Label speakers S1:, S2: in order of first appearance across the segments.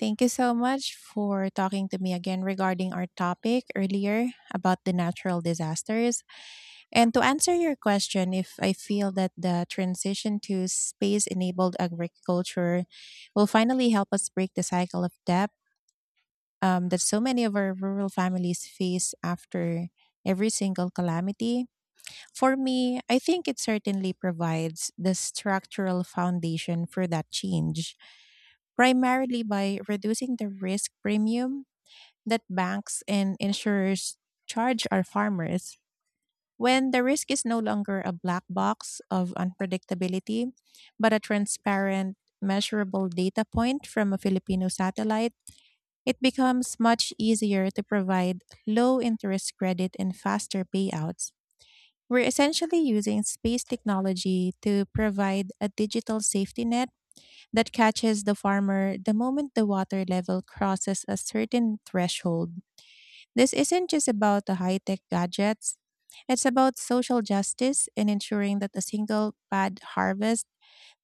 S1: Thank you so much for talking to me again regarding our topic earlier about the natural disasters. And to answer your question, if I feel that the transition to space enabled agriculture will finally help us break the cycle of debt that so many of our rural families face after every single calamity, for me, I think it certainly provides the structural foundation for that change, primarily by reducing the risk premium that banks and insurers charge our farmers. When the risk is no longer a black box of unpredictability, but a transparent, measurable data point from a Filipino satellite, it becomes much easier to provide low interest credit and faster payouts. We're essentially using space technology to provide a digital safety net that catches the farmer the moment the water level crosses a certain threshold. This isn't just about the high tech gadgets, it's about social justice and ensuring that a single bad harvest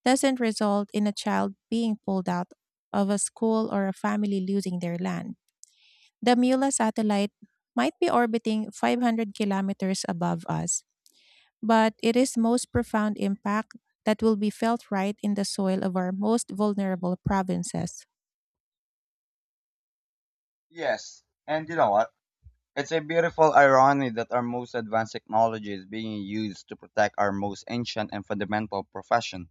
S1: doesn't result in a child being pulled out of a school or a family losing their land. The Mula satellite might be orbiting 500 kilometers above us, but it is most profound impact that will be felt right in the soil of our most vulnerable provinces.
S2: Yes, and you know what? It's a beautiful irony that our most advanced technology is being used to protect our most ancient and fundamental profession.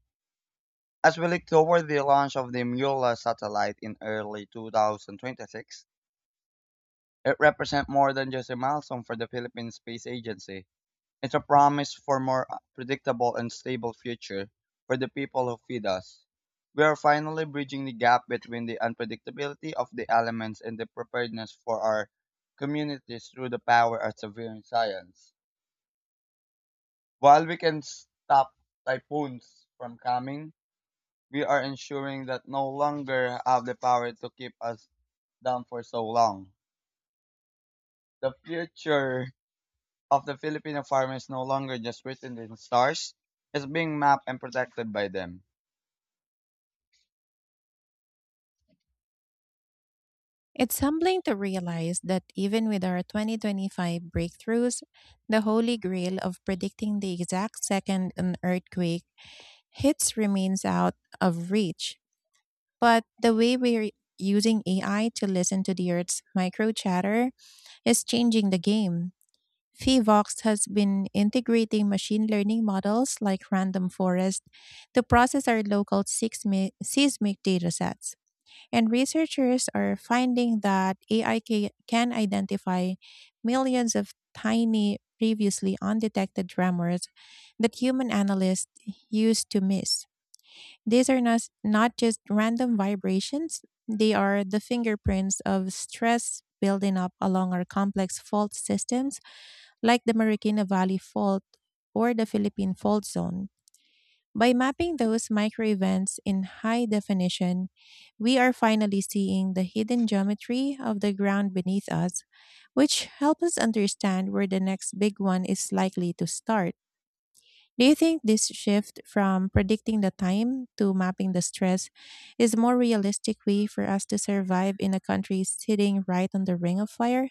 S2: As we look toward the launch of the Mueller satellite in early 2026, it represents more than just a milestone for the Philippine Space Agency. It's a promise for more predictable and stable future for the people who feed us. We are finally bridging the gap between the unpredictability of the elements and the preparedness for our communities through the power of severe science. While we can stop typhoons from coming, we are ensuring that no longer have the power to keep us down for so long. The future of the Filipino farm is no longer just written in stars. It's being mapped and protected by them.
S1: It's humbling to realize that even with our 2025 breakthroughs, the holy grail of predicting the exact second an earthquake hits remains out of reach. But the way we're using AI to listen to the Earth's micro chatter is changing the game. FIVOX has been integrating machine learning models like Random Forest to process our local seismic datasets. And researchers are finding that AI can identify millions of tiny, previously undetected tremors that human analysts used to miss. These are not just random vibrations, they are the fingerprints of stress building up along our complex fault systems, like the Marikina Valley Fault or the Philippine Fault Zone. By mapping those micro events in high definition, we are finally seeing the hidden geometry of the ground beneath us, which helps us understand where the next big one is likely to start. Do you think this shift from predicting the time to mapping the stress is a more realistic way for us to survive in a country sitting right on the ring of fire?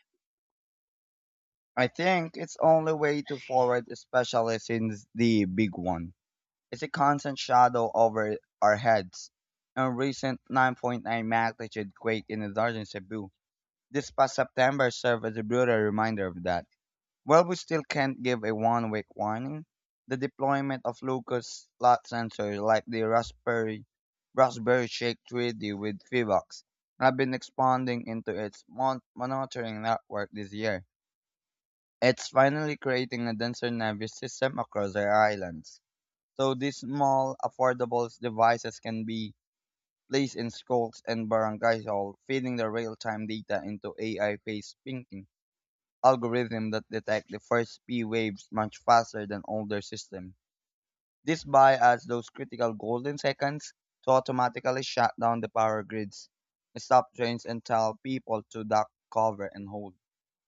S2: I think it's only way to forward, especially since the big one is a constant shadow over our heads. A recent 9.9 magnitude quake in the northern Cebu this past September served as a brutal reminder of that. While we still can't give a one-week warning, the deployment of locust slot sensors like the Raspberry Shake 3D with Fivox have been expanding into its monitoring network this year. It's finally creating a denser nervous system across our islands. So these small, affordable devices can be placed in schools and barangay halls, feeding the real-time data into AI-based thinking algorithms that detect the first P waves much faster than older systems. This bypass those critical golden seconds to automatically shut down the power grids, stop trains, and tell people to duck, cover, and hold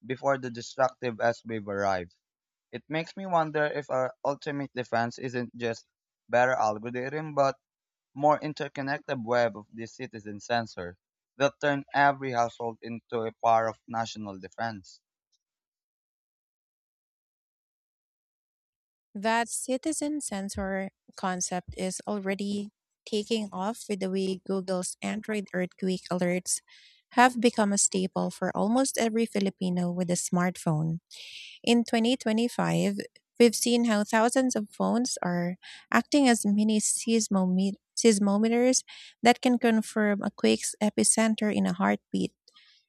S2: before the destructive S wave arrives. It makes me wonder if our ultimate defense isn't just better algorithm, but more interconnected web of these citizen sensors that turn every household into a power of national defense.
S1: That citizen sensor concept is already taking off with the way Google's Android earthquake alerts have become a staple for almost every Filipino with a smartphone. In 2025, we've seen how thousands of phones are acting as mini seismometers that can confirm a quake's epicenter in a heartbeat,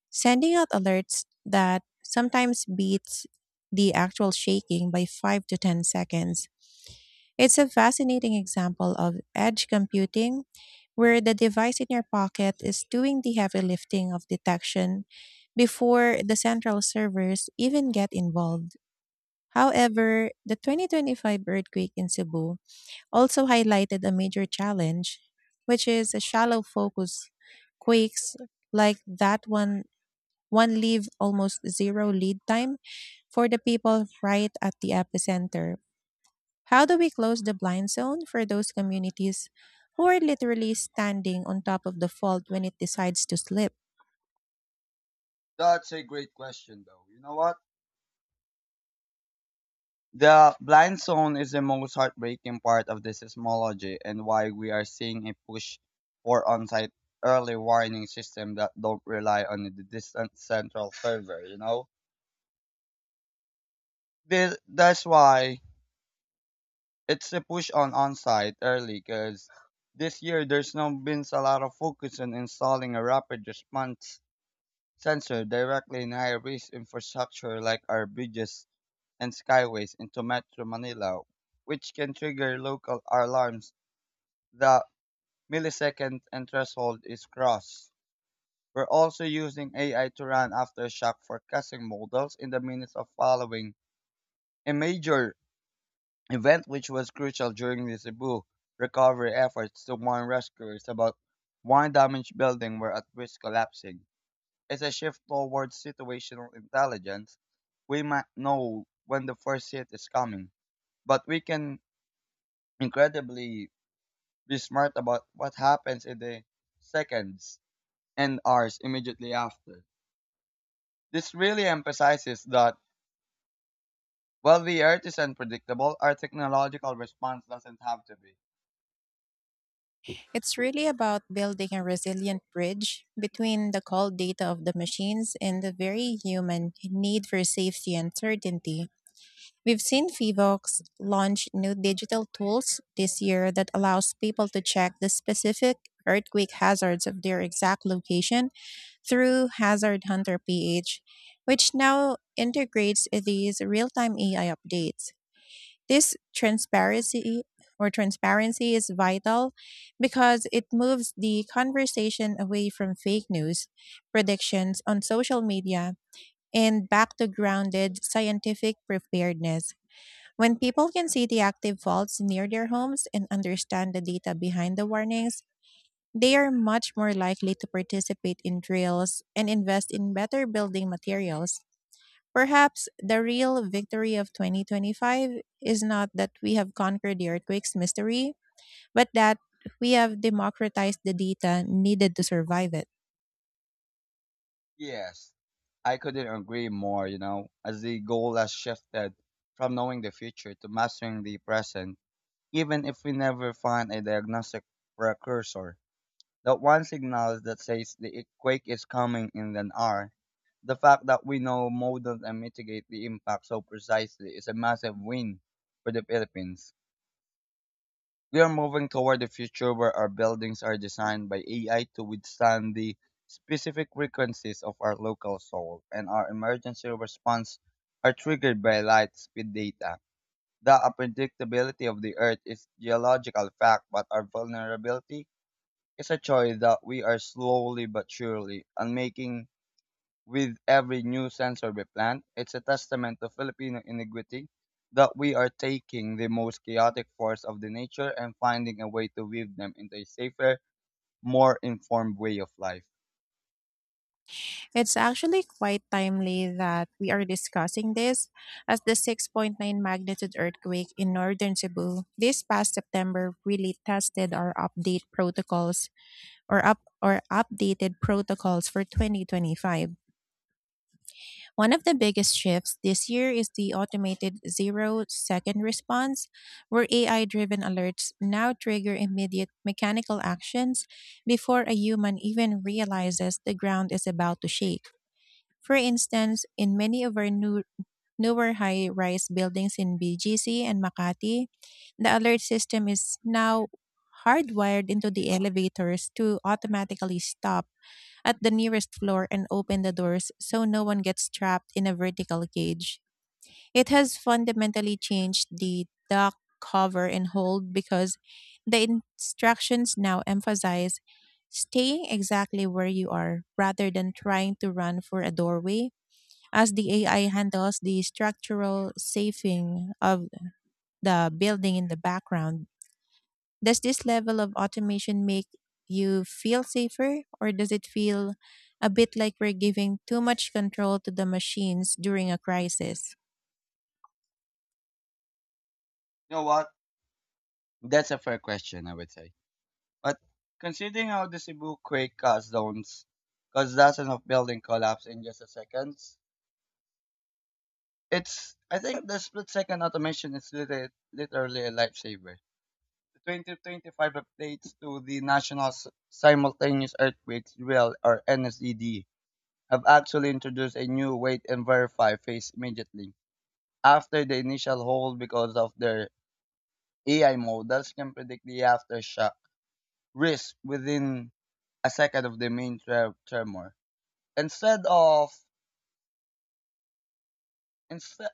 S1: sending out alerts that sometimes beats the actual shaking by 5 to 10 seconds. It's a fascinating example of edge computing where the device in your pocket is doing the heavy lifting of detection before the central servers even get involved. However, the 2025 earthquake in Cebu also highlighted a major challenge, which is a shallow focus quakes like that one leave almost zero lead time for the people right at the epicenter. How do we close the blind zone for those communities who are literally standing on top of the fault when it decides to slip?
S2: That's a great question, though. You know what? The blind zone is the most heartbreaking part of this seismology and why we are seeing a push for on-site early warning system that don't rely on the distant central server, you know? This, that's why it's a push on on-site early because this year there's now been a lot of focus on installing a rapid response sensor directly in high-risk infrastructure like our bridges and skyways into Metro Manila, which can trigger local alarms the millisecond and threshold is crossed. We're also using AI to run aftershock forecasting models in the minutes of following a major event which was crucial during the Cebu recovery efforts to warn rescuers about one damaged building were at risk collapsing. It's a shift towards situational intelligence. We might know when the first hit is coming, but we can incredibly be smart about what happens in the seconds and hours immediately after. This really emphasizes that while the earth is unpredictable, our technological response doesn't have to be.
S1: It's really about building a resilient bridge between the cold data of the machines and the very human need for safety and certainty. We've seen Fivox launch new digital tools this year that allows people to check the specific earthquake hazards of their exact location through Hazard Hunter PH, which now integrates these real-time AI updates. This transparency is vital because it moves the conversation away from fake news, predictions on social media, and back to grounded scientific preparedness. When people can see the active faults near their homes and understand the data behind the warnings, they are much more likely to participate in drills and invest in better building materials. Perhaps the real victory of 2025 is not that we have conquered the earthquake's mystery, but that we have democratized the data needed to survive it.
S2: Yes, I couldn't agree more, you know, as the goal has shifted from knowing the future to mastering the present, even if we never find a diagnostic precursor. That one signal that says the quake is coming in an hour. The fact that we know, model, and mitigate the impact so precisely is a massive win for the Philippines. We are moving toward a future where our buildings are designed by AI to withstand the specific frequencies of our local soil, and our emergency response are triggered by light speed data. The unpredictability of the Earth is geological fact, but our vulnerability it's a choice that we are slowly but surely unmaking with every new sensor we plant. It's a testament to Filipino ingenuity that we are taking the most chaotic force of the nature and finding a way to weave them into a safer, more informed way of life.
S1: It's actually quite timely that we are discussing this, as the 6.9 magnitude earthquake in northern Cebu this past September really tested our update protocols or up or updated protocols for 2025. One of the biggest shifts this year is the automated 0-second response, where AI driven alerts now trigger immediate mechanical actions before a human even realizes the ground is about to shake. For instance, in many of our newer high rise buildings in BGC and Makati, the alert system is now hardwired into the elevators to automatically stop at the nearest floor and open the doors so no one gets trapped in a vertical cage. It has fundamentally changed the duck cover and hold because the instructions now emphasize staying exactly where you are rather than trying to run for a doorway as the AI handles the structural safing of the building in the background. Does this level of automation make you feel safer, or does it feel a bit like we're giving too much control to the machines during a crisis?
S2: You know what? That's a fair question, I would say. But considering how the Cebu quake caused dozens of building collapse in just a second, it's I think the split second automation is literally a lifesaver. The 2025 updates to the National Simultaneous Earthquake Drill, or NSED, have actually introduced a new wait and verify phase immediately after the initial hold because of their AI models can predict the aftershock risk within a second of the main tremor. Instead of instead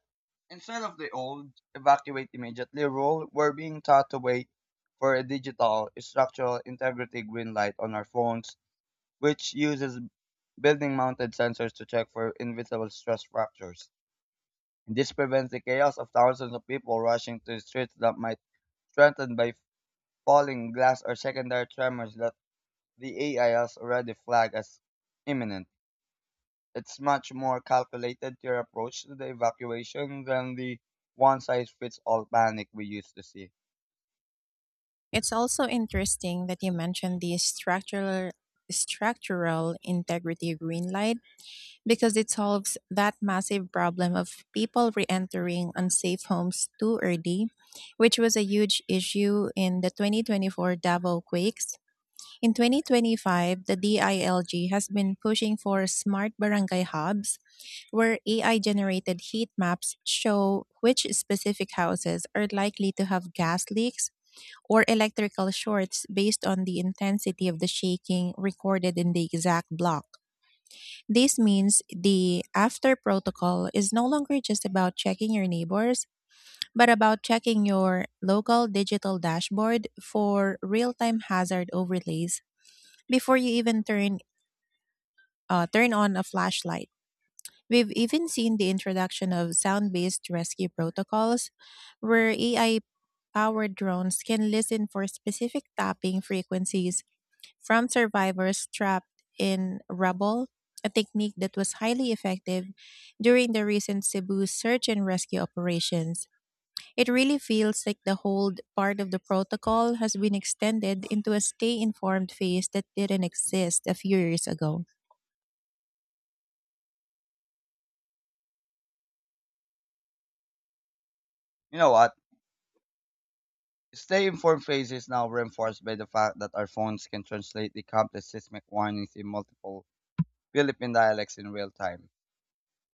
S2: instead of the old evacuate immediately rule, we're being taught to wait for a digital structural integrity green light on our phones, which uses building mounted sensors to check for invisible stress fractures. And this prevents the chaos of thousands of people rushing to streets that might threatened by falling glass or secondary tremors that the AI has already flagged as imminent. It's much more calculated to approach to the evacuation than the one size fits all panic we used to see.
S1: It's also interesting that you mentioned the structural integrity green light because it solves that massive problem of people re-entering unsafe homes too early, which was a huge issue in the 2024 Davao quakes. In 2025, the DILG has been pushing for smart barangay hubs where AI generated heat maps show which specific houses are likely to have gas leaks or electrical shorts based on the intensity of the shaking recorded in the exact block. This means the after protocol is no longer just about checking your neighbors, but about checking your local digital dashboard for real time hazard overlays before you even turn on a flashlight. We've even seen the introduction of sound based rescue protocols where AI powered drones can listen for specific tapping frequencies from survivors trapped in rubble, a technique that was highly effective during the recent Cebu search and rescue operations. It really feels like the hold part of the protocol has been extended into a stay informed phase that didn't exist a few years ago.
S2: You know what? Stay informed phase is now reinforced by the fact that our phones can translate the complex seismic warnings in multiple Philippine dialects in real time.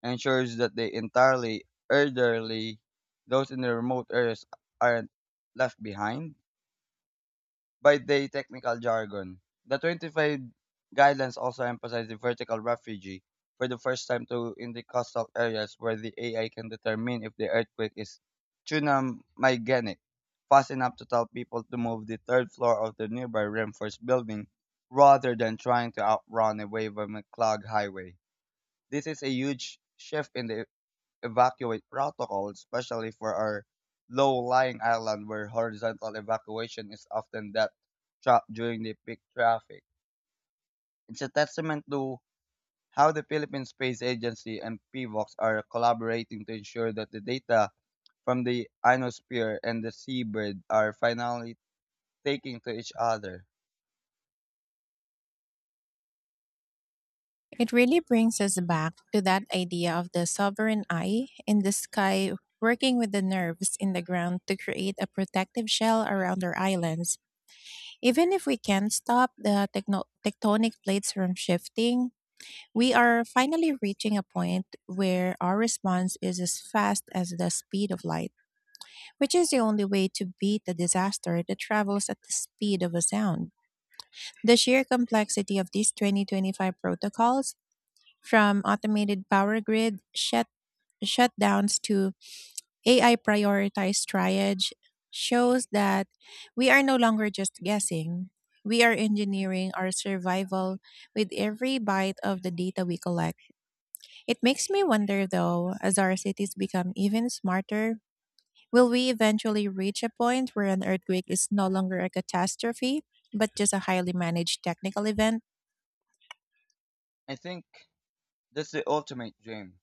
S2: Ensures that they entirely elderly those in the remote areas aren't left behind by the technical jargon. The 25 guidelines also emphasize the vertical refugee for the first time to in the coastal areas where the AI can determine if the earthquake is tsunami fast enough to tell people to move the third floor of the nearby reinforced building rather than trying to outrun a wave on a clogged highway. This is a huge shift in the evacuate protocol, especially for our low-lying island where horizontal evacuation is often that trap during the peak traffic. It's a testament to how the Philippine Space Agency and PIVOX are collaborating to ensure that the data from the ionosphere and the seabird are finally taking to each other.
S1: It really brings us back to that idea of the sovereign eye in the sky working with the nerves in the ground to create a protective shell around our islands. Even if we can't stop the tectonic plates from shifting, we are finally reaching a point where our response is as fast as the speed of light, which is the only way to beat a disaster that travels at the speed of a sound. The sheer complexity of these 2025 protocols, from automated power grid shutdowns to AI prioritized triage, shows that we are no longer just guessing. We are engineering our survival with every bite of the data we collect. It makes me wonder though, as our cities become even smarter, will we eventually reach a point where an earthquake is no longer a catastrophe, but just a highly managed technical event?
S2: I think that's the ultimate dream.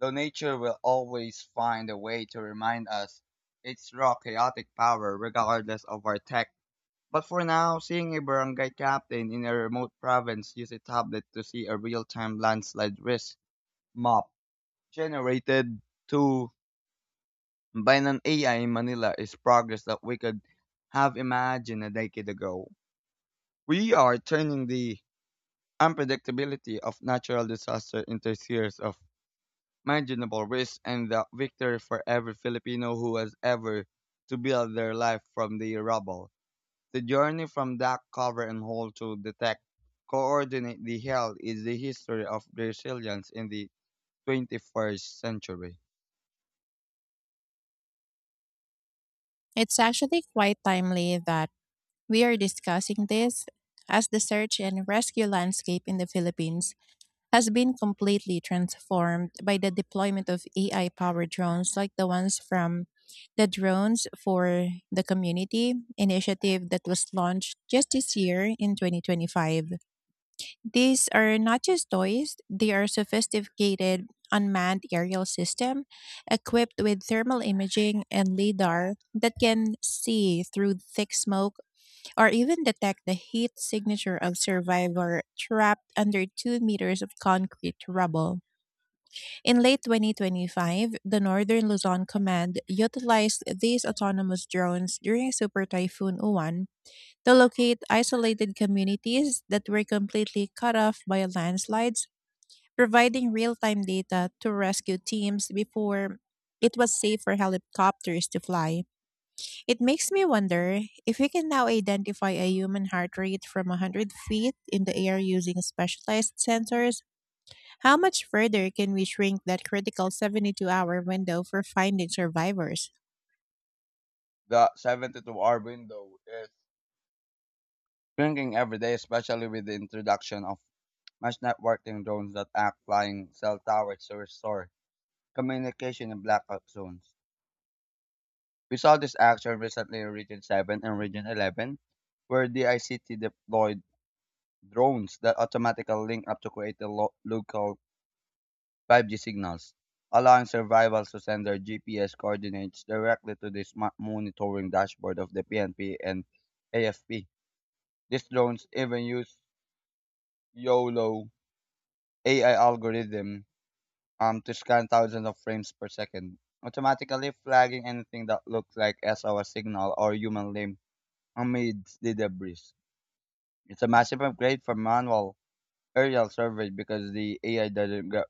S2: Though nature will always find a way to remind us its raw chaotic power regardless of our tech. But for now, seeing a barangay captain in a remote province use a tablet to see a real time landslide risk map generated to by an AI in Manila is progress that we could have imagined a decade ago. We are turning the unpredictability of natural disaster into a series of manageable risks and the victory for every Filipino who has ever to build their life from the rubble. The journey from dark cover and hole to detect coordinate the hell is the history of resilience in the 21st century.
S1: It's actually quite timely that we are discussing this, as the search and rescue landscape in the Philippines has been completely transformed by the deployment of AI powered drones like the ones from the Drones for the Community initiative that was launched just this year in 2025. These are not just toys, they are sophisticated unmanned aerial system equipped with thermal imaging and lidar that can see through thick smoke or even detect the heat signature of survivor trapped under 2 meters of concrete rubble. In late 2025, the Northern Luzon Command utilized these autonomous drones during Super Typhoon Uwan to locate isolated communities that were completely cut off by landslides, providing real-time data to rescue teams before it was safe for helicopters to fly. It makes me wonder if we can now identify a human heart rate from 100 feet in the air using specialized sensors. How much further can we shrink that critical 72-hour window for finding survivors?
S2: The 72-hour window is shrinking every day, especially with the introduction of mass networking drones that act flying cell towers to restore communication in blackout zones. We saw this action recently in Region 7 and Region 11, where the ICT deployed drones that automatically link up to create a local 5G signals, allowing survivors to send their GPS coordinates directly to the smart monitoring dashboard of the PNP and AFP. These drones even use YOLO AI algorithm to scan thousands of frames per second, automatically flagging anything that looks like SOS signal or human limb amidst the debris. It's a massive upgrade from manual aerial survey because the AI doesn't get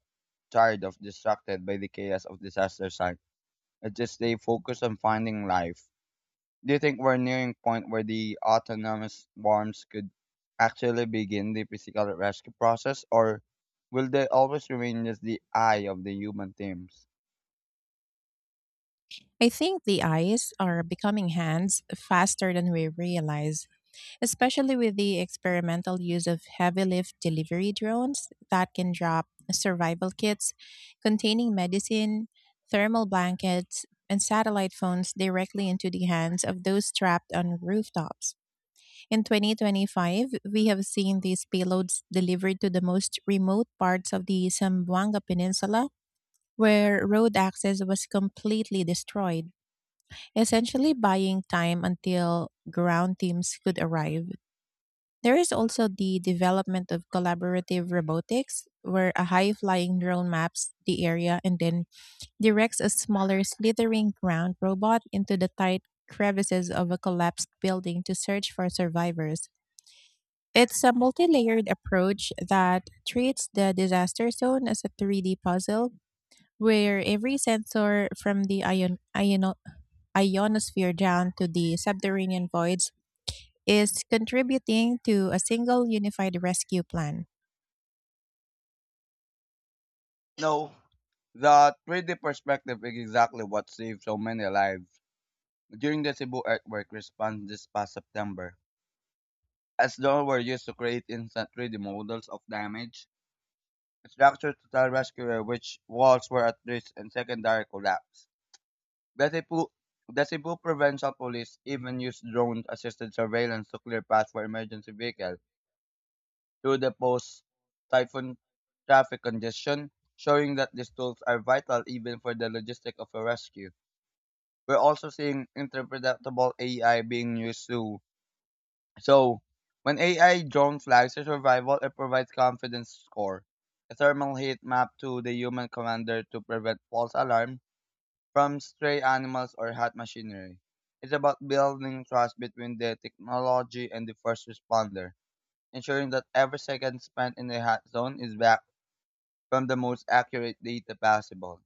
S2: tired of distracted by the chaos of disaster site. Just stay focused on finding life. Do you think we're nearing point where the autonomous worms could actually begin the physical rescue process, or will they always remain just the eye of the human teams?
S1: I think the eyes are becoming hands faster than we realize, especially with the experimental use of heavy lift delivery drones that can drop survival kits containing medicine, thermal blankets, and satellite phones directly into the hands of those trapped on rooftops. In 2025, we have seen these payloads delivered to the most remote parts of the Zamboanga Peninsula, where road access was completely destroyed, essentially buying time until ground teams could arrive. There is also the development of collaborative robotics, where a high flying drone maps the area and then directs a smaller slithering ground robot into the tight crevices of a collapsed building to search for survivors. It's a multi layered approach that treats the disaster zone as a 3D puzzle, where every sensor from the ionosphere down to the subterranean voids is contributing to a single unified rescue plan.
S2: No, the 3D perspective is exactly what saved so many lives during the Cebu earthquake response this past September. As though were used to create instant 3D models of damage, structures to tell rescuers which walls were at risk and secondary collapse. Gazipul- Gazipul Provincial Police even used drone-assisted surveillance to clear paths for emergency vehicles through the post-typhoon traffic congestion, showing that these tools are vital even for the logistics of a rescue. We're also seeing interpretable AI being used too. So, when AI drone flags a survival, it provides confidence score, a thermal heat map to the human commander to prevent false alarms, from stray animals or hot machinery. It's about building trust between the technology and the first responder, ensuring that every second spent in the hot zone is back from the most accurate data possible.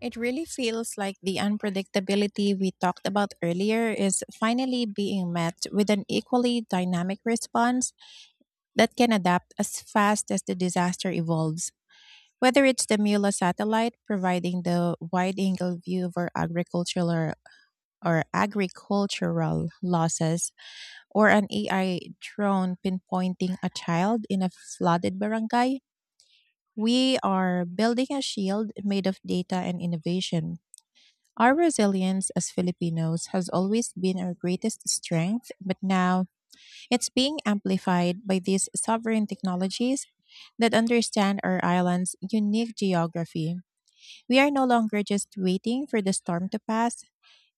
S1: It really feels like the unpredictability we talked about earlier is finally being met with an equally dynamic response that can adapt as fast as the disaster evolves. Whether it's the Mula satellite providing the wide angle view of our agricultural or agricultural losses, or an AI drone pinpointing a child in a flooded barangay, we are building a shield made of data and innovation. Our resilience as Filipinos has always been our greatest strength, but now it's being amplified by these sovereign technologies that understand our island's unique geography. We are no longer just waiting for the storm to pass.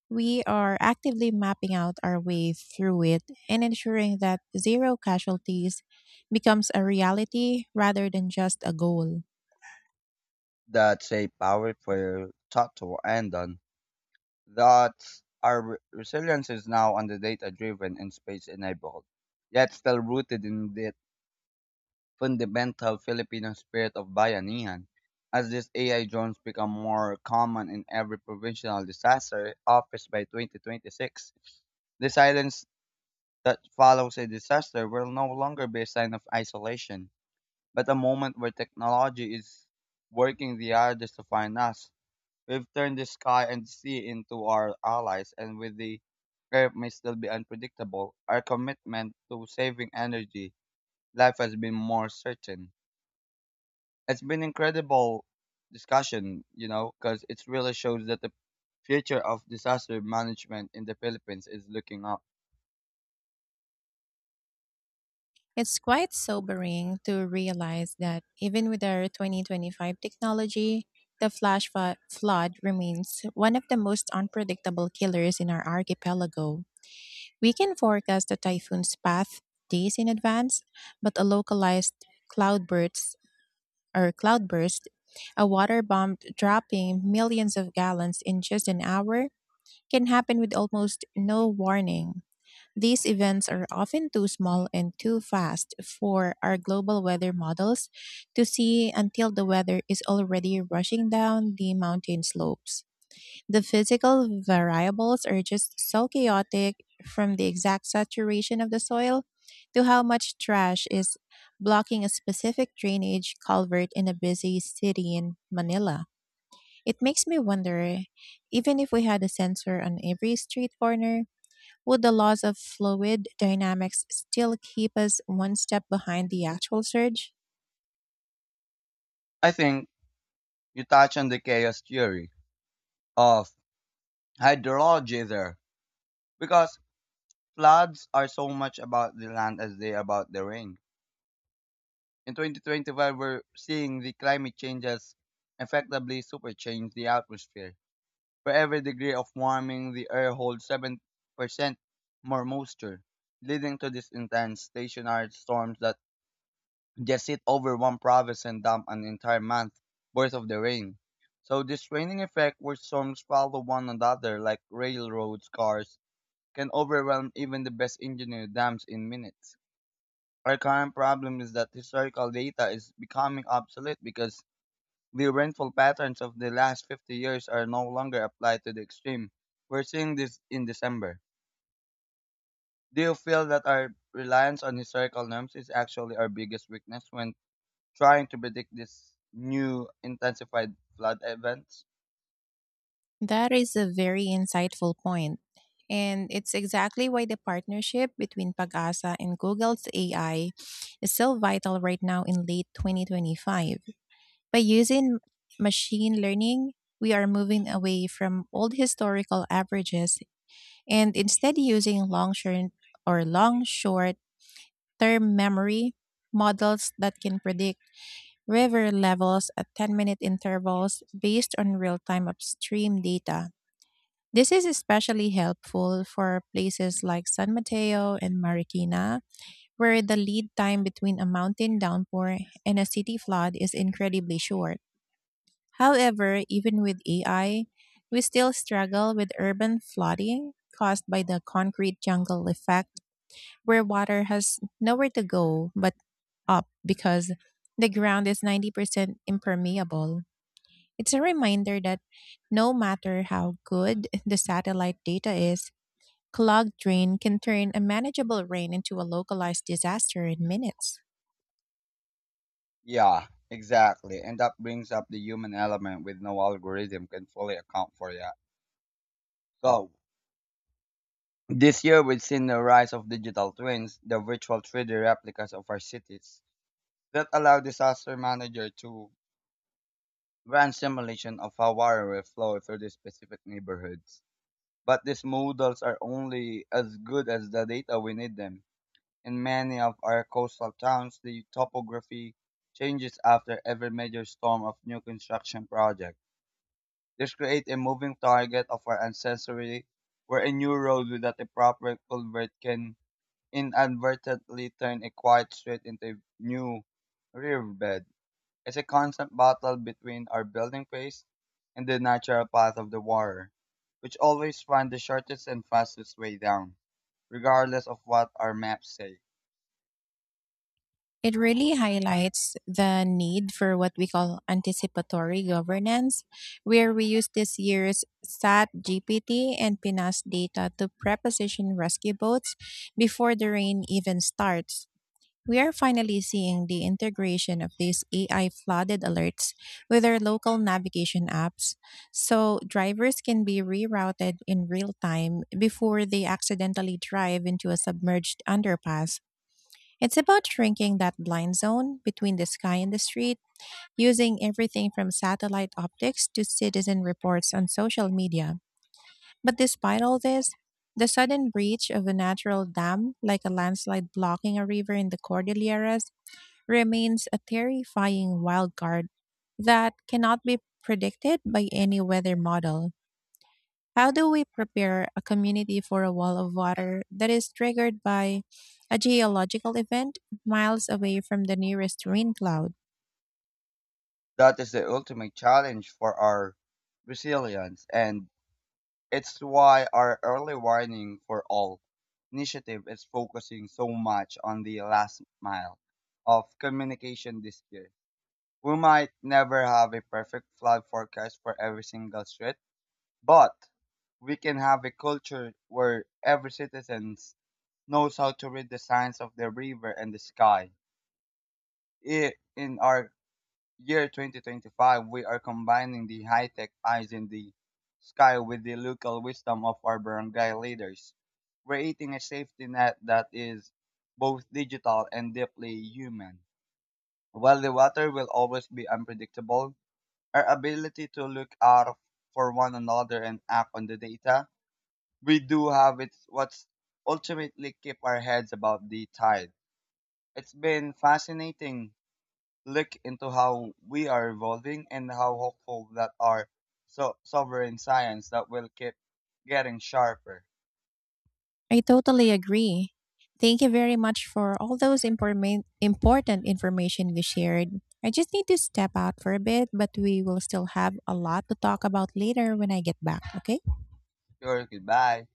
S1: We are actively mapping out our way through it and ensuring that zero casualties becomes a reality rather than just a goal.
S2: That's a powerful thought to end on. That our resilience is now on the data driven and space enabled, yet still rooted in the fundamental Filipino spirit of bayanihan. As these AI drones become more common in every provincial disaster office by 2026, the silence that follows a disaster will no longer be a sign of isolation, but a moment where technology is working the hardest to find us. We've turned the sky and sea into our allies, and with the Earth may still be unpredictable, our commitment to saving energy life has been more certain. It's been incredible discussion, you know, because it really shows that the future of disaster management in the Philippines is looking up.
S1: It's quite sobering to realize that even with our 2025 technology, the flash flood remains one of the most unpredictable killers in our archipelago. We can forecast the typhoon's path days in advance, but a localized cloudburst or cloudburst, a water bomb dropping millions of gallons in just an hour, can happen with almost no warning. These events are often too small and too fast for our global weather models to see until the weather is already rushing down the mountain slopes. The physical variables are just so chaotic, from the exact saturation of the soil to how much trash is blocking a specific drainage culvert in a busy city in Manila. It makes me wonder, even if we had a sensor on every street corner, would the laws of fluid dynamics still keep us one step behind the actual surge?
S2: I think you touch on the chaos theory of hydrology there because floods are so much about the land as they are about the rain. In 2025, we're seeing the climate changes effectively super change the atmosphere. For every degree of warming, the air holds 7% more moisture, leading to these intense stationary storms that just sit over one province and dump an entire month worth of the rain. So this raining effect where storms follow one another like railroads cars can overwhelm even the best engineered dams in minutes. Our current problem is that historical data is becoming obsolete because the rainfall patterns of the last 50 years are no longer applied to the extreme. We're seeing this in December. Do you feel that our reliance on historical norms is actually our biggest weakness when trying to predict these new intensified flood events?
S1: That is a very insightful point. And it's exactly why the partnership between Pagasa and Google's AI is so vital right now in late 2025. By using machine learning, we are moving away from old historical averages and instead using long short or long short term memory models that can predict river levels at 10-minute intervals based on real time upstream data. This is especially helpful for places like San Mateo and Marikina, where the lead time between a mountain downpour and a city flood is incredibly short. However, even with AI, we still struggle with urban flooding caused by the concrete jungle effect, where water has nowhere to go but up, because the ground is 90% impermeable. It's a reminder that no matter how good the satellite data is, clogged rain can turn a manageable rain into a localized disaster in minutes.
S2: Yeah, exactly. And that brings up the human element with no algorithm can fully account for that. So, this year, we've seen the rise of digital twins, the virtual 3D replicas of our cities. That allow disaster manager to grand simulation of how water will flow through these specific neighborhoods. But these models are only as good as the data we need them. In many of our coastal towns, the topography changes after every major storm of new construction project. This creates a moving target of our ancestry where a new road without a proper culvert can inadvertently turn a quiet street into a new riverbed. It's a constant battle between our building pace and the natural path of the water, which always finds the shortest and fastest way down, regardless of what our maps say.
S1: It really highlights the need for what we call anticipatory governance, where we use this year's SAT GPT and PNAS data to preposition rescue boats before the rain even starts. We are finally seeing the integration of these AI flooded alerts with their local navigation apps, so drivers can be rerouted in real time before they accidentally drive into a submerged underpass. It's about shrinking that blind zone between the sky and the street, using everything from satellite optics to citizen reports on social media. But despite all this, the sudden breach of a natural dam, like a landslide blocking a river in the Cordilleras, remains a terrifying wild card that cannot be predicted by any weather model. How do we prepare a community for a wall of water that is triggered by a geological event miles away from the nearest rain cloud?
S2: That is the ultimate challenge for our resilience, and it's why our early warning for all initiative is focusing so much on the last mile of communication this year. We might never have a perfect flood forecast for every single street. But we can have a culture where every citizen knows how to read the signs of the river and the sky. In our year 2025, we are combining the high tech eyes in the sky with the local wisdom of our barangay leaders, creating a safety net that is both digital and deeply human. While the water will always be unpredictable, our ability to look out for one another and act on the data we do have it's what's ultimately keep our heads above the tide. It's been fascinating look into how we are evolving and how hopeful that our so sovereign science that will keep getting sharper.
S1: I totally agree. Thank you very much for all those important information you shared. I just need to step out for a bit, but we will still have a lot to talk about later when I get back, okay?
S2: Sure, goodbye.